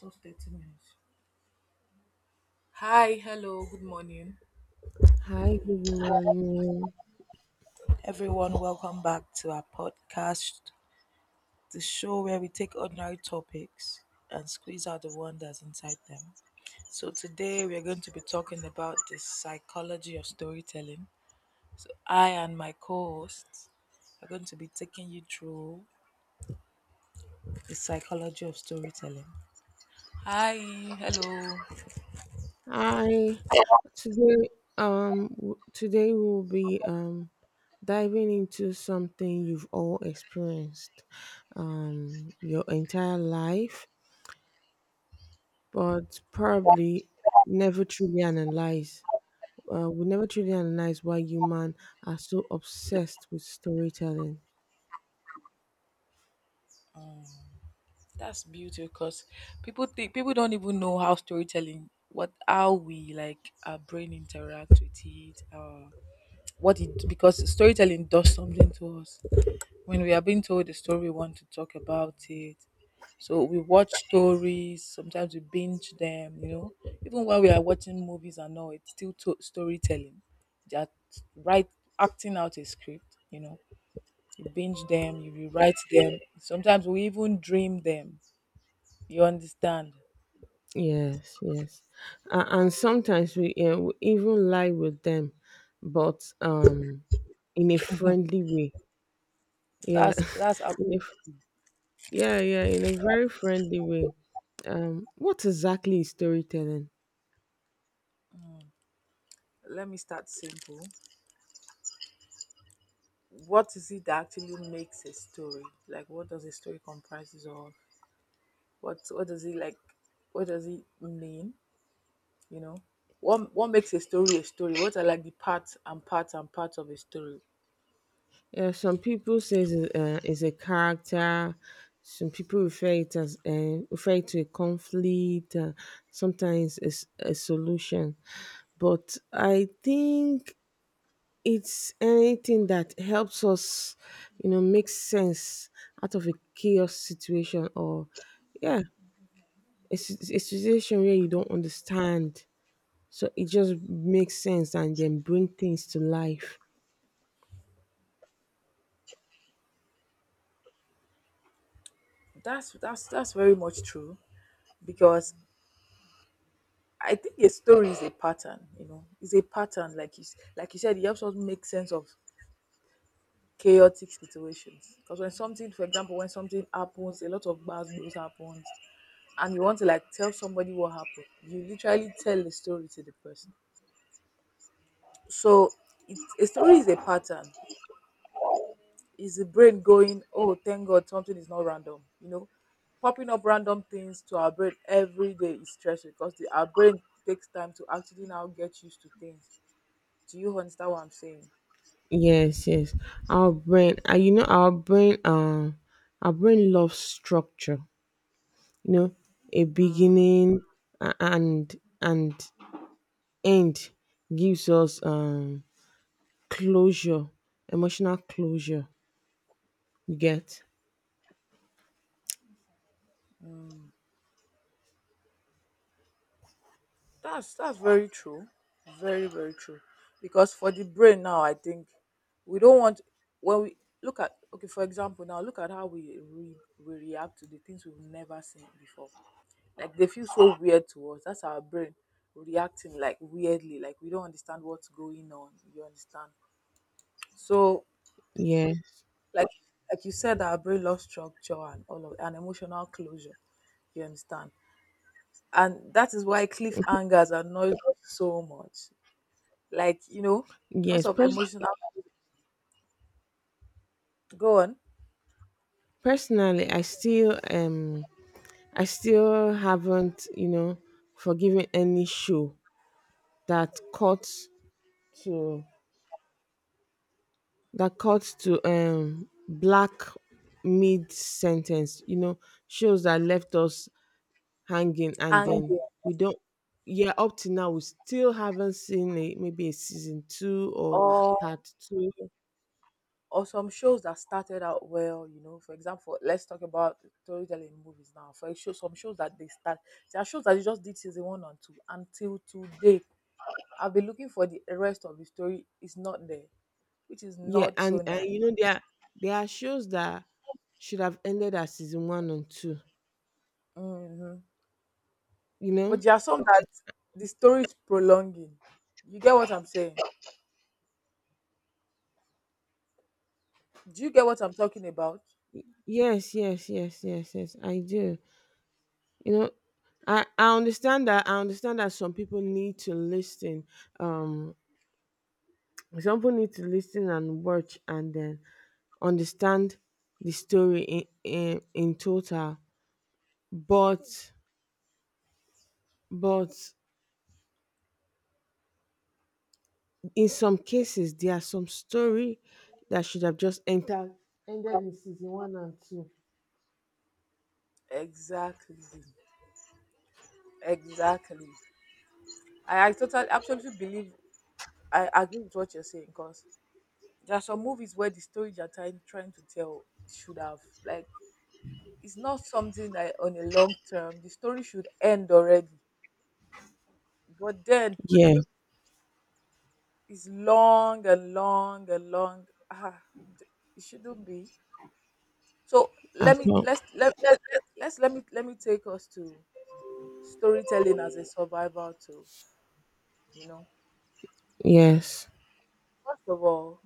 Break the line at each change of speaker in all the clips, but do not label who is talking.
Just 30 minutes. Hi, hello, good morning.
Hi, good morning.
Everyone, welcome back to our podcast, the show where we take ordinary topics and squeeze out the wonders inside them. So, today we're going to be talking about the psychology of storytelling. So, I and my co hosts are going to be taking you through the psychology of storytelling. Hi, hello.
Hi. Today, we'll be diving into something you've all experienced, your entire life, but probably never truly analyze. We never truly analyze why human are so obsessed with storytelling.
That's beautiful because people think people don't even know how storytelling, what how we like our brain interact with it, what it because storytelling does something to us. When we are being told a story, we want to talk about it. So we watch stories. Sometimes we binge them. You know, even while we are watching movies and all, it's still storytelling. Just right, acting out a script. You know, you binge them, you rewrite them. Sometimes we even dream them, you understand?
Yes, yes. A and sometimes we even lie with them, but in a friendly way. Yeah,
That's a,
in a, f- yeah, yeah, in a very friendly way. What exactly is storytelling?
let me start simple. What is it that actually makes a story? Like what does a story comprises of? What does it like what does it mean? You know? What makes a story a story? What are like the parts of a story?
Yeah, some people say is a character. Some people refer it to a conflict. Sometimes it's a solution, but I think it's anything that helps us make sense out of a chaos situation. Or, yeah, it's a situation where you don't understand. So it just makes sense and then bring things to life.
That's very much true because I think a story is a pattern, you know. It's a pattern like like you said, it helps us make sense of chaotic situations. Because when something, for example, when something happens, a lot of bad news happens, and you want to like tell somebody what happened, you literally tell the story to the person. So it's, a story is a pattern. Is the brain going, oh, thank God, something is not random, you know? Popping up random things to our brain every day is stressful because the, our brain takes time to actually now get used to things. Do you understand what I'm saying?
Yes, yes. Our brain, you know, our brain loves structure. You know, a beginning a- and and end gives us closure, emotional closure. You get?
That's very true. Very, very true. Because for the brain now, I think we don't want when we look at okay, for example, now look at how we react to the things we've never seen before. Like they feel so weird to us. That's our brain reacting like weirdly, like we don't understand what's going on. You understand? So
Yes.
like like you said, our brain loves structure and all of and emotional closure. You understand? And that is why cliffhangers annoy us so much, like you know, because
Yes.
of
Pers-
emotional go on
personally, I still haven't, you know, forgiven any show that cut to black mid sentence, you know, shows that left us hanging, and then
anger
we don't. Yeah, up to now we still haven't seen a, maybe a season two or
or
part two.
or some shows that started out well, you know, for example, let's talk about storytelling movies now for show, some shows that they start, there are shows that you just did season one and two, until today I've been looking for the rest of the story, it's not there, which is
Yeah,
not so
and
nice.
you know there are shows that should have ended at season one and two.
Hmm.
You know.
But there are some that the story is prolonging, you get what I'm saying? Do you get what I'm talking about?
Yes, yes, yes, yes, yes. I do. You know, I understand that. I understand that some people need to listen. Um, some people need to listen and watch and then understand the story in total. But but in some cases, there are some story that should have just entered ended in season one and two.
Exactly, exactly. I totally absolutely believe I agree with what you're saying because there are some movies where the story they're trying to tell should have, like, it's not something that on a long term the story should end already. But then
Yeah,
it's long and long and long. Ah, d- it shouldn't be. So
I
let me
can't.
let's let, let, let let's let me take us to storytelling as a survival tool, you know.
Yes,
First of all,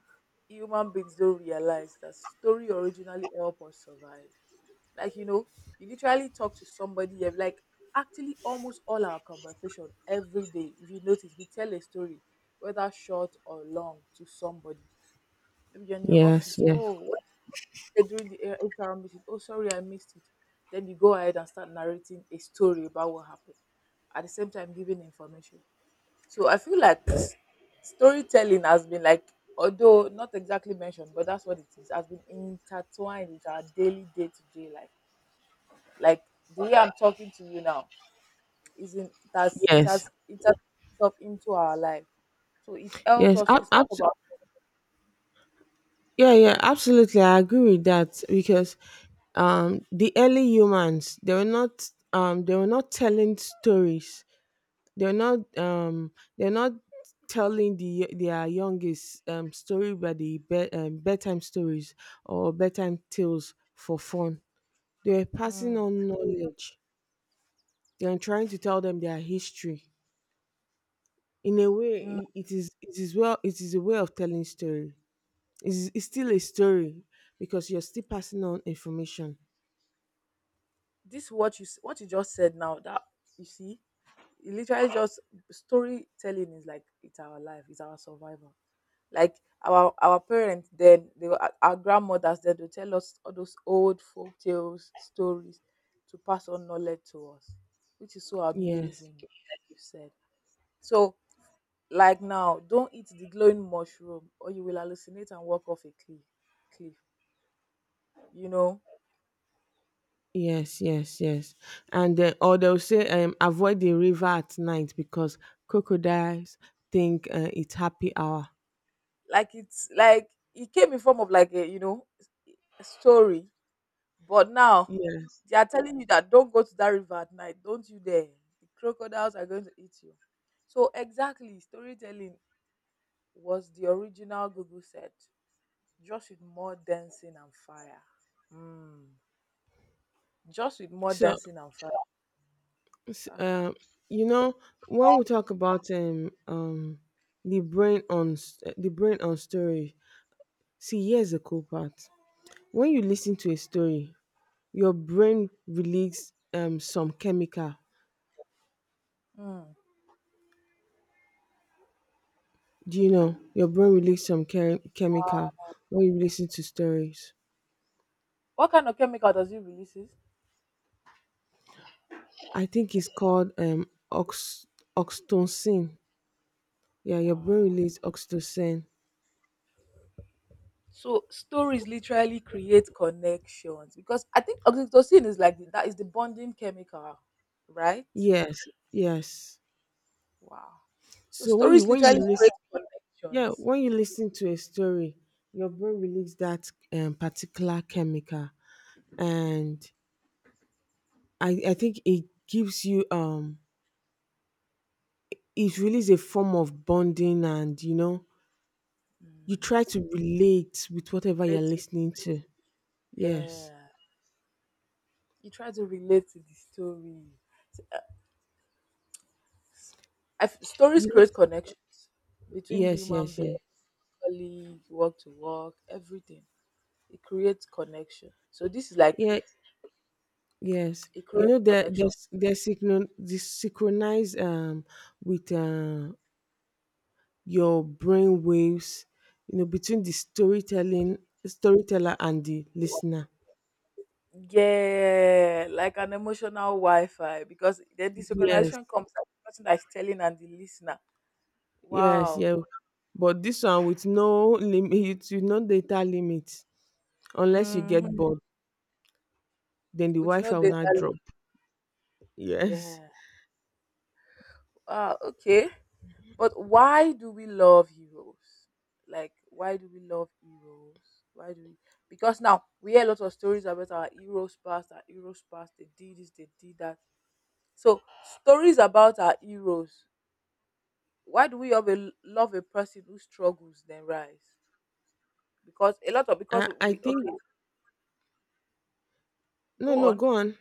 human beings don't realize that story originally help us survive. Like, you know, you literally talk to somebody, you're like, actually, almost all our conversation every day, if you notice, we tell a story, whether short or long, to somebody. Maybe you're in your
yes,
office.
yes,
Oh, what did they do during the HR meeting? Oh, sorry, I missed it. Then you go ahead and start narrating a story about what happened. At the same time, giving information. So I feel like s- storytelling has been like, although not exactly mentioned but that's what it is, has been intertwined with our daily day-to-day life, like the way I'm talking to you now isn't that's
yes,
it has up into our life. So it helps
yes.
us. It's part of our.
Yeah, yeah, absolutely. I agree with that because the early humans they were not telling stories. They're not um, they're not telling their youngest story by the bedtime stories or bedtime tales for fun. They were passing
Mm,
on knowledge. They are trying to tell them their history in a way.
mm.
It is a way of telling story. It's still a story because you're still passing on information.
This what you s- what you just said now that you see, it literally just storytelling is like it's our life, it's our survival. Like our parents then they were, our grandmothers then they tell us all those old folk tales stories to pass on knowledge to us, which is so
Yes,
amazing, like you said. So like now don't eat the glowing mushroom or you will hallucinate and walk off a cliff, you know,
yes, yes, yes. And then, or they'll say avoid the river at night because crocodiles think it's happy hour.
like it's like it came in form of like a, you know, a story. But now
Yes.
they are telling you that don't go to that river at night, don't you dare, the crocodiles are going to eat you. So exactly, storytelling was the original Google set, just with more dancing and fire. Mm. Just with more
so
dancing and fire.
s-
Ah,
uh, you know, when we talk about the brain on the brain on story, see, here's the cool part. When you listen to a story, your brain release some chemical.
mm.
Do you know your brain release some chemical when you listen to stories?
What kind of chemical does it releases?
I think it's called ox- oxytocin. Yeah, your brain
Wow.
release oxytocin.
So stories literally create connections because I think oxytocin is like the, that is the bonding chemical, right?
Yes, yes.
Wow. So
So when you
stories
when you
literally create
listen. Yeah,
connections.
when you listen to a story, your brain release that particular chemical, and
Mm.
I think it gives you it really is a form of bonding. And you know, you try to relate with whatever you're
Relate to
listening to.
the,
Yes.
yeah. You try to relate to the story. So, I f- stories
You know,
create connections between
yes,
human
yes,
beings,
yes.
colleague, work to work, everything. It creates connection. So this is like
Yeah, yes.
it
You
creates
know they're they're,
connection.
they're synchron- they synchronize with your brain waves, you know, between the storytelling storyteller and the listener.
Yeah, like an emotional Wi-Fi because the
Yes,
desynchronization comes at the person that's telling and the listener.
yes,
Wow.
yeah. But this one with no limit, with no data limit, unless you get
Hmm.
bored, then the
With no
Wi-Fi will
data.
not drop. Yes,
Yeah. Wow. Okay. But why do we love heroes? Like, why do we love heroes? Why do we? Because now we hear a lot of stories about our heroes past, our heroes past. They did this, they did that. So stories about our heroes. Why do we have a, love a person who struggles then rise? Because a lot of
I
because
I
we
think...
okay
No,
go
no,
on
go on.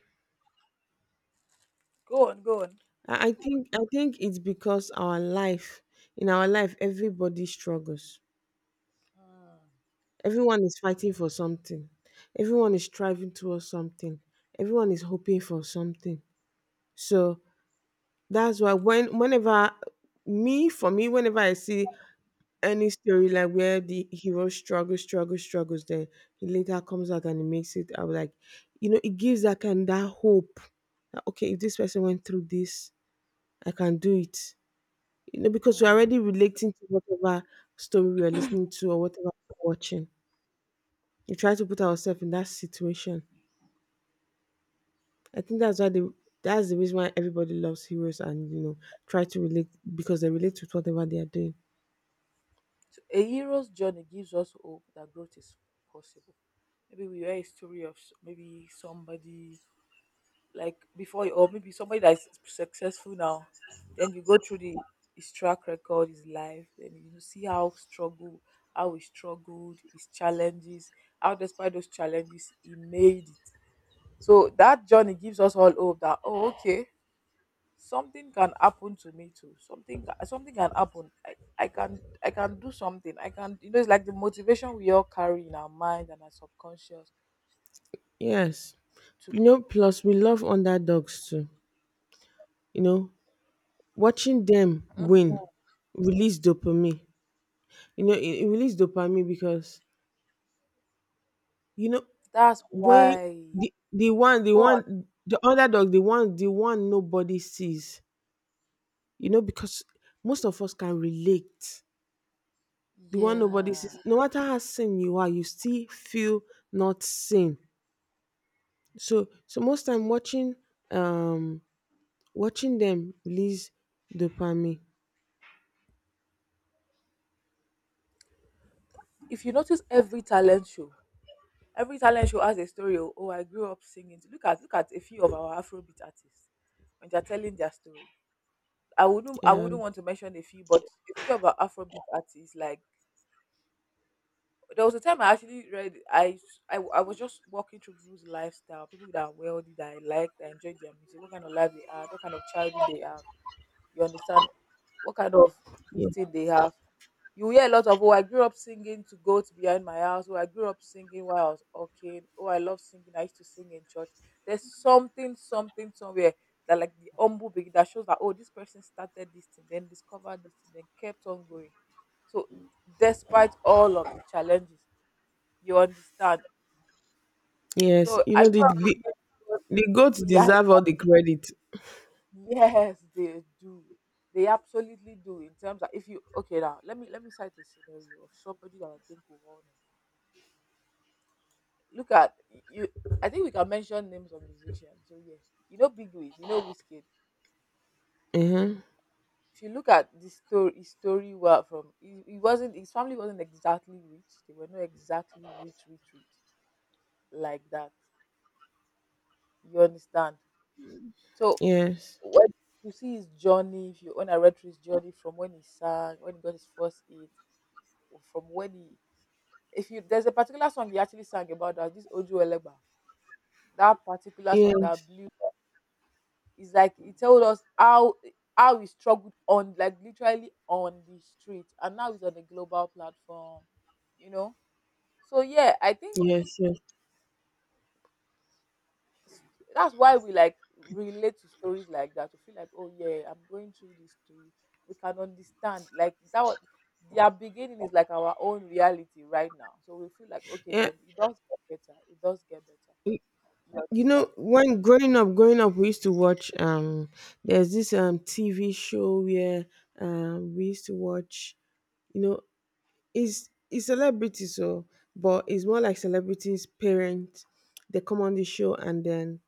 go on.
I think it's because our life, in our life, everybody struggles. Everyone is fighting for something. Everyone is striving towards something. Everyone is hoping for something. So that's why when whenever me for me, whenever I see any story like where the hero struggles, struggles, struggles, then he later comes out and he makes it. I'm like, you know, it gives that kind that hope. That, okay, if this person went through this, I can do it. You know, because you're
Mm.
already relating to whatever story we're listening to or whatever we're watching. We try to put ourselves in that situation. I think that's the reason why everybody loves heroes and you know try to relate because they relate with whatever they are doing.
So a hero's journey gives us hope that growth is possible. Maybe we hear a story of s- maybe somebody like before, you- or maybe somebody that is successful now. Then you go through the his track record, his life, and you see how struggle, how he struggled, his challenges, how despite those challenges he made it. So that journey gives us all hope that oh okay, something can happen to me too, something ca- something can happen, I can I can do something, I can, you know, it's like the motivation we all carry in our mind and our subconscious
Yes.
too.
You know, plus we love underdogs too. You know, watching them win release dopamine. You know, it release dopamine because, you know,
That's
when
why,
the the one the
God,
one the underdog, the one nobody sees, you know, because most of us can relate. The one nobody
yeah.
sees, no matter how sane you are, you still feel not seen. So, most time um, watching them release dopamine.
If you notice, every talent show, every talent show has a story. Oh, oh I grew up singing, look at a few of our afrobeat artists when they're telling their story. i wouldn't i
Yeah,
wouldn't want to mention a few, but a few of our afrobeat artists like, but there was a time I actually read I was just walking through people's lifestyle, people that are wealthy, that I like, that enjoy their music, what kind of life they have, what kind of childhood they have. You understand, what kind of this
yeah,
thing they have. You hear a lot of oh, I grew up singing to goats behind my house. Oh, I grew up singing while I was okay. Oh, I love singing. I used to sing in church. There's something, something somewhere that like the humble beginning that shows that oh, this person started this thing, then discovered this thing, then kept on going. So despite all of the challenges, you understand?
yes.
So
You
I
know, the
grew up
the,
singing to God
the goats
behind.
deserve all the credit.
Yes, they do. They absolutely do. In terms of, if you okay now, let me cite a scenario of somebody that I think will all know. Look at you. I think we can mention names of musicians. So yeah, you know Big Wiz, you know Wizkid.
Uh-huh.
If you look at the story, his story well from he wasn't his family wasn't exactly rich. They were not exactly rich like that. You understand? So
Yes,
when you see his journey, if you when I read through his journey from when he sang, when he got his first hit, or from when he if you there's a particular song he actually sang about that this Ojo Elegba. That particular song
yes,
that blew is like it told us how he struggled on, like literally on the street, and now he's on a global platform, you know. So yeah, I think
yes, yes.
s- that's why we like relate to stories like that. We feel like oh yeah, I'm going through this too, we can understand, like that was, their beginning is like our own reality right now, so we feel like okay,
Yeah.
then it does get better, it does get better, you
You
understand?
know, when growing up, we used to watch. There's this TV show where we used to watch. You know, it's celebrities, so but it's more like celebrities' parents. They come on the show, and then,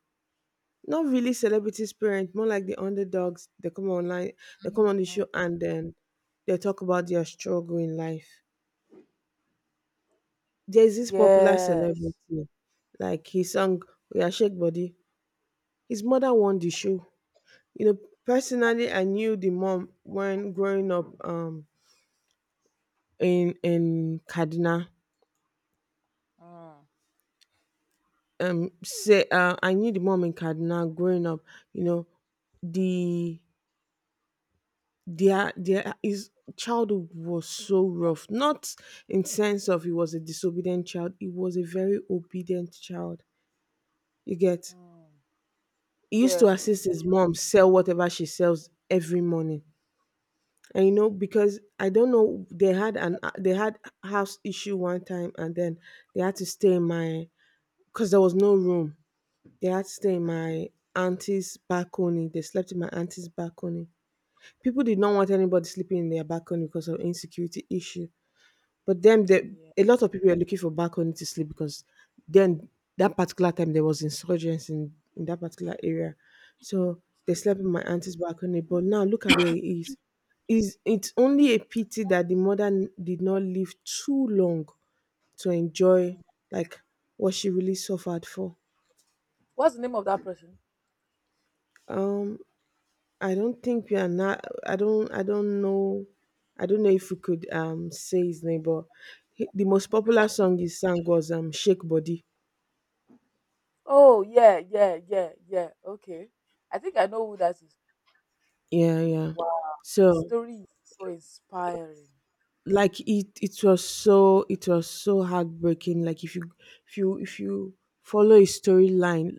not really celebrities' parents, more like the underdogs. They come online, they come on the show,
Mm.
and then they talk about their struggle in life. There's this popular
Yes.
celebrity, like he sang "We Are Shake Body." His mother won the show. You know, personally, I knew the mom when growing up, in Kaduna.
Mm.
Say I knew the mom in Kaduna growing up. You know, the their his childhood was so rough. Not in sense of he was a disobedient child. He was a very obedient child. You get.
Mm.
He used to
Yes, I do.
assist his mom sell whatever she sells every morning. And you know, because I don't know, they had house issue one time, and then they had to stay in my... because there was no room. They had to stay in my auntie's balcony. They slept in my auntie's balcony. People did not want anybody sleeping in their balcony because of insecurity issue. But then, the
Yeah.
a lot of people were looking for balcony to sleep because then, that particular time, there was insurgents in that particular area. So they
Excuse me.
slept in my auntie's balcony. But now look at where it is. Is it's only a pity that the mother did not live too long to enjoy,
Mm.
like, what she really suffered for.
What's the name of that person?
Um I don't think we are not I don't know if we could say his name, but the most popular song he sang was Shake Body.
Oh, yeah, yeah, yeah, yeah, okay. I think I know who that is.
Yeah, yeah.
Wow, the
So,
story is so inspiring.
like, it was so heartbreaking. Like, if you follow a storyline,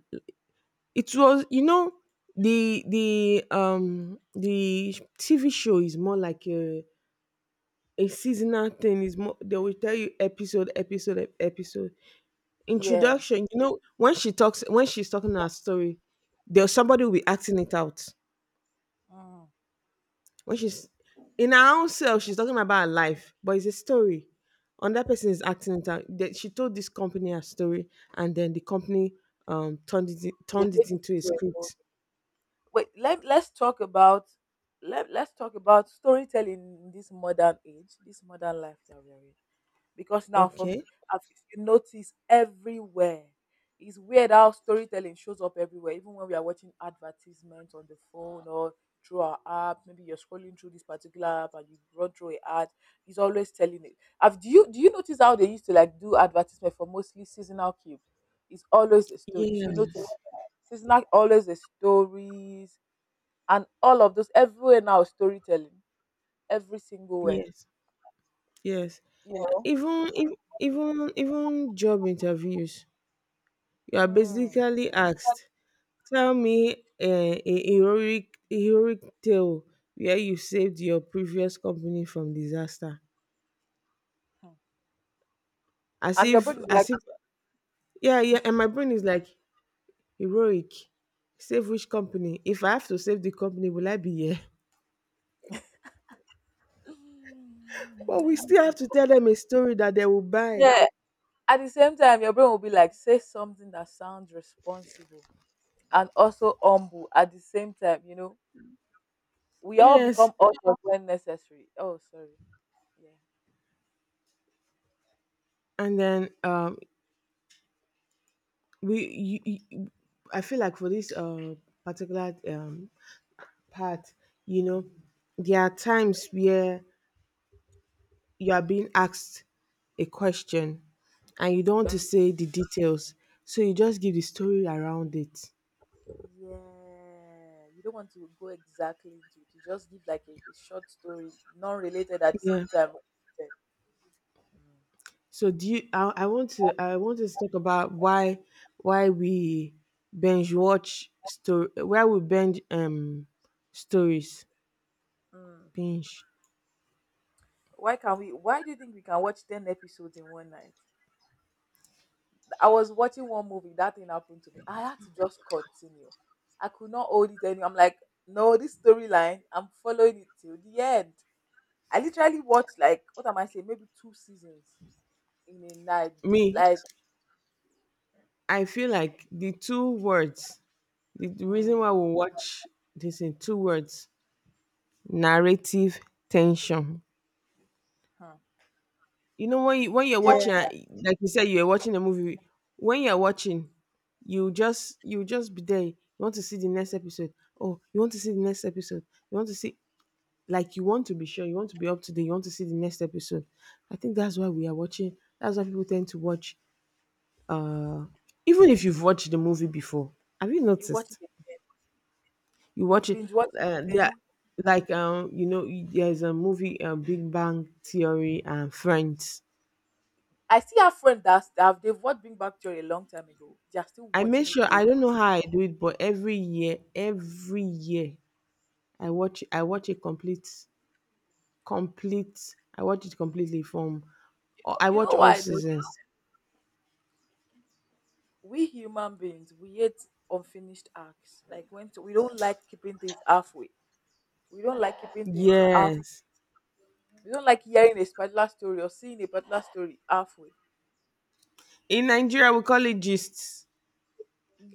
it was, you know, the TV show is more like a seasonal thing. Is more they will tell you episode
Yeah.
introduction. You know, when she's talking her story, there's somebody will be acting it out.
Mm.
When she's in her own self, she's talking about her life, but it's a story. And that person is acting it out. That she told this company her story, and then the company turned it in-
They
turned
made
it
it
into a
into a movie.
script.
Wait, let's talk about let's talk about storytelling in this modern age, this modern life that we're in. Because now from
Okay.
I've you notice everywhere. It's weird how storytelling shows up everywhere, even when we are watching advertisements on the phone or through our app. Maybe you're scrolling through this particular app and you run through an ad. It's always telling it. Have do you notice how they used to like do advertisement for mostly seasonal cubes? It's always a story. If you notice,
Yes.
seasonal always the stories and all of those everywhere now storytelling every single where
Yes. Yes.
you know
Even if, even job interviews, you are
mm.
basically asked, tell me a heroic tale where you saved your previous company from disaster. As
And your
if
brain is like,
as if Yeah, yeah. And my brain is like, heroic? Save which company? If I have to save the company, will I be here? But we still have to tell them a story that they will buy.
yeah, at the same time your brain will be like say something that sounds responsible and also humble at the same time, we all
Yes.
become authors when necessary. Oh sorry. Yeah.
And then, we you, you- I feel like for this particular part, you know, there are times where you are being asked a question and you don't want to
um,
say the details. So you just give the story around it.
yeah, you don't want to go exactly into it, you just give like a short story, non-related at the
Yeah.
same time. Mm.
So, do you? I want to. I want us to talk about why we binge watch story. Why we binge stories.
Mm.
Binge.
Why can we, why do you think we can watch 10 episodes in one night? I was watching one movie, that thing happened to me. I had to just continue. I could not hold it anymore. I'm like, no, this storyline, I'm following it till the end. I literally watched like what am I saying, maybe two seasons in a night.
Me,
Like,
I feel like the two words. The reason
mm,
why we watch this in two words: narrative tension.
hmm.
You know, when you're watching,
Yeah.
like you said, you're watching a movie. When you're watching, you just be there. You want to see the next episode. Oh, you want to see the next episode. You want to see, like, you want to be sure, you want to be up to date, you want to see the next episode. I think that's why we are watching. That's why people tend to watch. Uh, even if you've watched the movie before, have you
You watch
noticed?
it,
You
you
watch it.
binge watch it
Yeah,
again.
like, you know, there's a movie, Big Bang Theory and Friends.
I see our friend that's that they've watched Big Bang Theory a long time ago. They're still
I make
watching it
sure, I don't know
again.
how I do it, but every year, I watch. I watch it complete, complete. I watch it completely from. I
You
watch
know
all
why?
seasons.
We human beings, we hate unfinished acts. Like when we don't like keeping things halfway. We don't like keeping things half.
Yes.
We don't like hearing a particular story or seeing a particular story halfway.
In Nigeria we call it gists.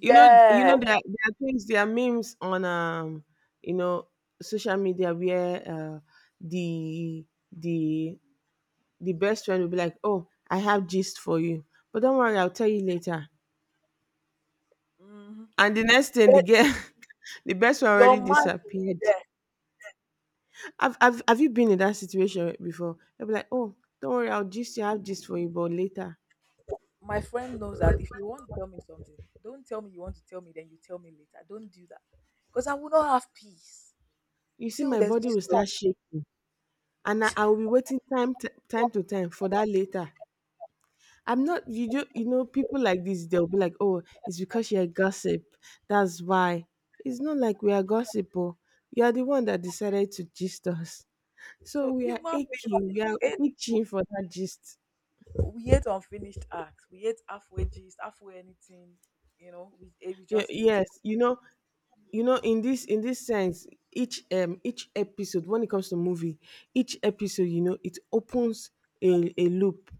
You know, you know there, there are things, there are memes on you know, social media where the the the best friend will be like, "Oh, I have gist for you, but don't worry, I'll tell you later."
Hmm.
And the next thing, the
Then
girl, the best friend
your
already
mind
disappeared.
there.
Have you been in that situation before? They'll be like, "Oh, don't worry, I'll gist you, I have gist for you, but later."
My friend knows that if you want to tell me something, don't tell me you want to tell me, then you tell me later. Don't do that. Because I will not have peace.
You
You
see,
say, oh,
my
there's
body
this
will
one."
start shaking, and I will be waiting time time to time for that later. I'm not you do you know people like this? They'll be like, oh, it's because you're gossip, that's why. It's not like we are gossip. Oh, you're the one that decided to gist us, so
So
we are
human beings,
aching,
we
we are
hate-
itching for that gist.
we hate unfinished acts. We hate halfway gist, halfway anything. You know, we, eh, we
Yeah,
just hate
yes.
it.
You know in this sense, each episode, when it comes to movie, each episode, you know, it opens a loop.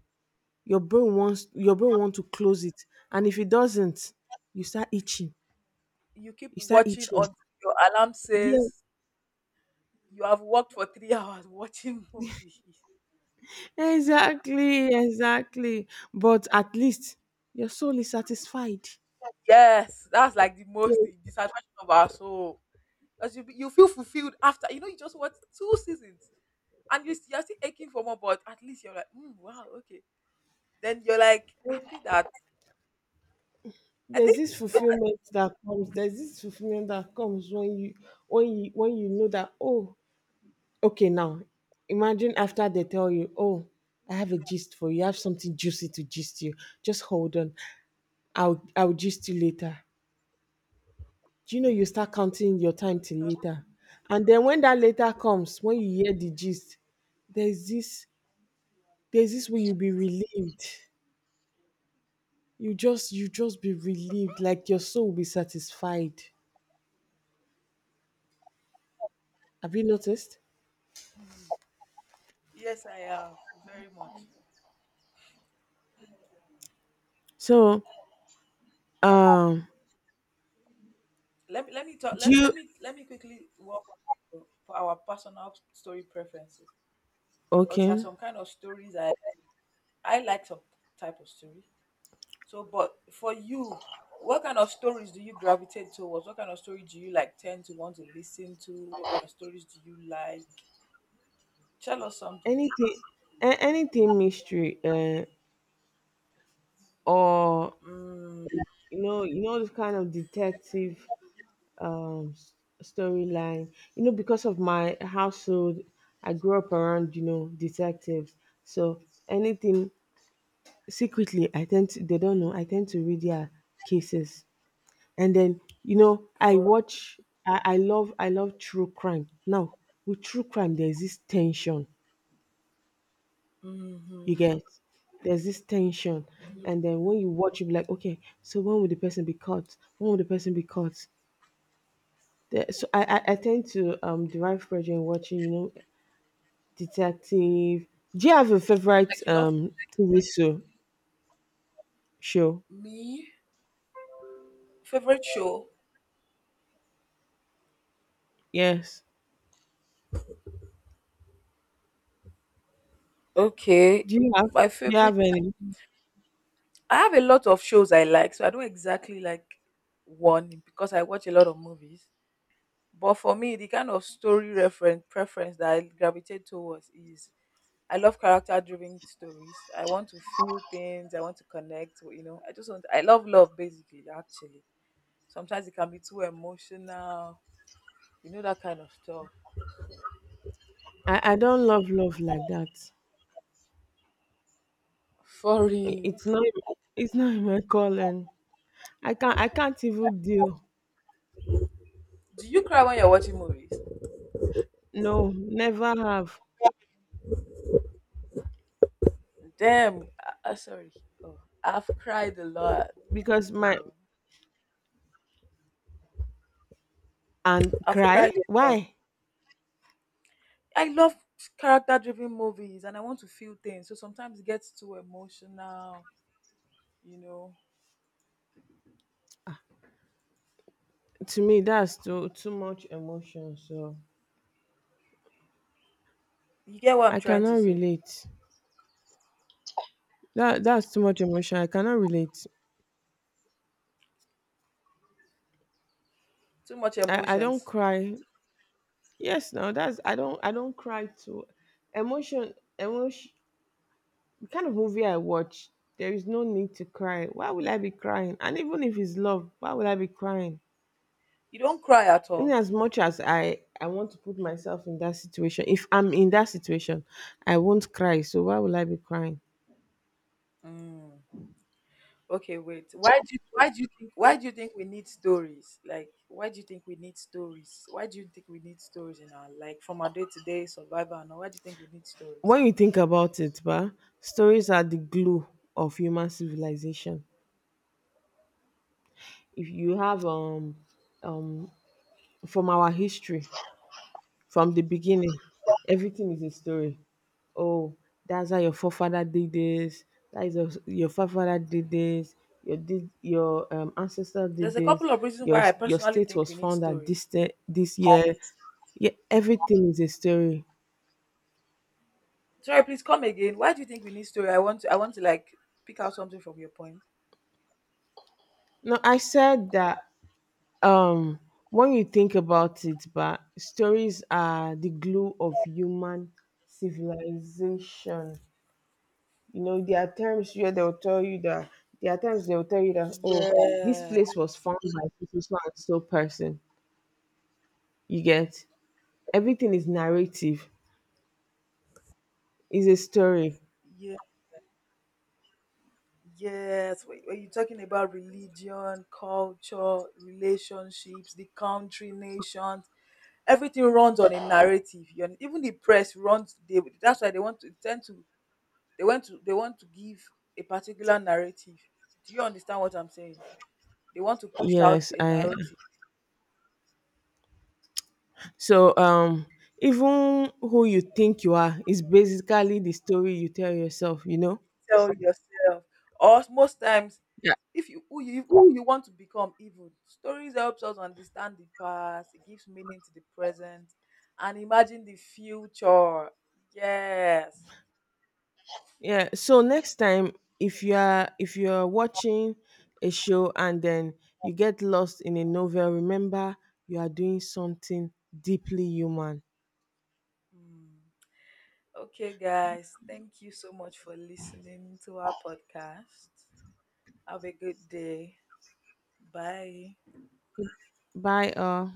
Your brain want to close it, and if it doesn't, you start itching,
You keep
you start
watching
itching.
until your alarm
Yeah.
says you have worked for 3 hours watching movies.
Exactly, exactly. But at least your soul is satisfied.
Yes, that's like the
Yeah,
most dissatisfaction of our soul. Because you feel fulfilled after, you know, you just watched two seasons and you're still aching for more, but at least you're like, mm, wow, okay. Then you're like happy that I
there's
think.
this fulfillment that comes. There's this fulfillment that comes when you when you know that, oh, okay, now imagine after they tell you, oh, I have a gist for you. I have something juicy to gist you. Just hold on. I'll gist you later. Do you know you start
Hmm,
counting your time till
you can
later? And then when that later comes, when you hear the gist, there's this there's this
did
way
you?
you'll be relieved. You just be relieved, like your soul will be satisfied. Have you noticed?
Yes, I am very much.
So um
Let me talk.
do
Let
you.
let me let me quickly walk on for our personal story preferences, because there are
Okay.
some kind of stories I like some type of story. So, but for you, what kind of stories do you gravitate towards? What kind of story do you like tend to want to listen to? What kind of stories do you like? Tell us something.
Anything, anything mystery, or,
Mm,
you know, this kind of detective, um s- storyline. You know, because of my household, I grew up around, you know, detectives. So anything. Secretly I tend to, they don't know, I tend to read their cases. And then, you know, I
for
watch. I love true crime. Now, with true crime there's this tension you
mm-hmm.
get. There's this tension.
Yeah,
And then when you watch you be like, okay, so when will the person be caught? When will the person be caught? There, so I tend to derive pleasure in watching, you know, detective. Do you have a
like
favorite
you love
TV show?
me. Favorite show?
Yes.
Okay,
Do you have,
my favorite.
any?
I have a lot of shows I like, so I don't exactly like one because I watch a lot of movies. But for me, the kind of story reference preference that I gravitate towards is I love character driven stories. I want to feel things. I want to connect. You know, I just want. I love love basically. Actually, sometimes it can be too emotional. You know that kind of stuff.
I don't love love like that.
For real,
It's not it's not in my calling. I can't even deal.
do you cry when you're watching movies?
No, never have.
Damn. Sorry. Oh, I've cried a lot,
Because my.
bro.
And
I've cried
cry?
a lot.
Why?
I love character driven movies, and I want to feel things. So sometimes it gets too emotional. You know,
To me that's too much emotion. So
you get what I'm
I
trying to
cannot
say.
relate. That that's too much emotion. I cannot relate.
Too much
I don't
emotions.
cry. Yes, no, that's, I don't cry to emotion emotion the kind of movie I watch, there is no need to cry. Why will I be crying? And even if it's love, why would I be crying?
You don't cry at
In
all.
as much as I want to put myself in that situation, if I'm in that situation, I won't cry, so why will I be crying?
Mm. Okay, wait. Why do you think why do you think we need stories? Like why do you think we need stories? Why do you think we need stories in our like from our day to day survival and all? Why do you think we need stories?
When you think about it, bah? Stories are the glue of human civilization. If you have um from our history, from the beginning, everything is a story. Oh, that's how your forefather did this, that is your forefather did this, your ancestor did
There's a
this,
couple of reasons why I
your
personally
state
think
was
we need
founded this
stories.
this year. Yeah, everything is a story.
Sorry, please come again. Why do you think we need story? I want to like pick out something from your point.
No, I said that um when you think about it, but stories are the glue of human civilization. You know, there are times where they'll tell you that, there are times they'll tell you that, oh,
Yeah,
this place was found by so so and so person. You get, everything is narrative, is a story.
yeah, yes. Wait, are you talking about religion, culture, relationships, the country, nations? Everything runs on a narrative. Your, even the press runs. They, that's why they want to tend to. They want to. They want to give a particular narrative. Do you understand what I'm saying? They want to push out
Yes,
a
I,
narrative.
so even who you think you are is basically the story you tell yourself, you know?
Tell yourself. Or most times,
Yeah.
if you who you who you want to become, even stories helps us understand the past. It gives meaning to the present, and imagine the future. Yes.
Yeah. So next time, if you're watching a show, and then you get lost in a novel, remember you are doing something deeply human.
Mm. Okay, guys, thank you so much for listening to our podcast. Have a good day. Bye.
Bye.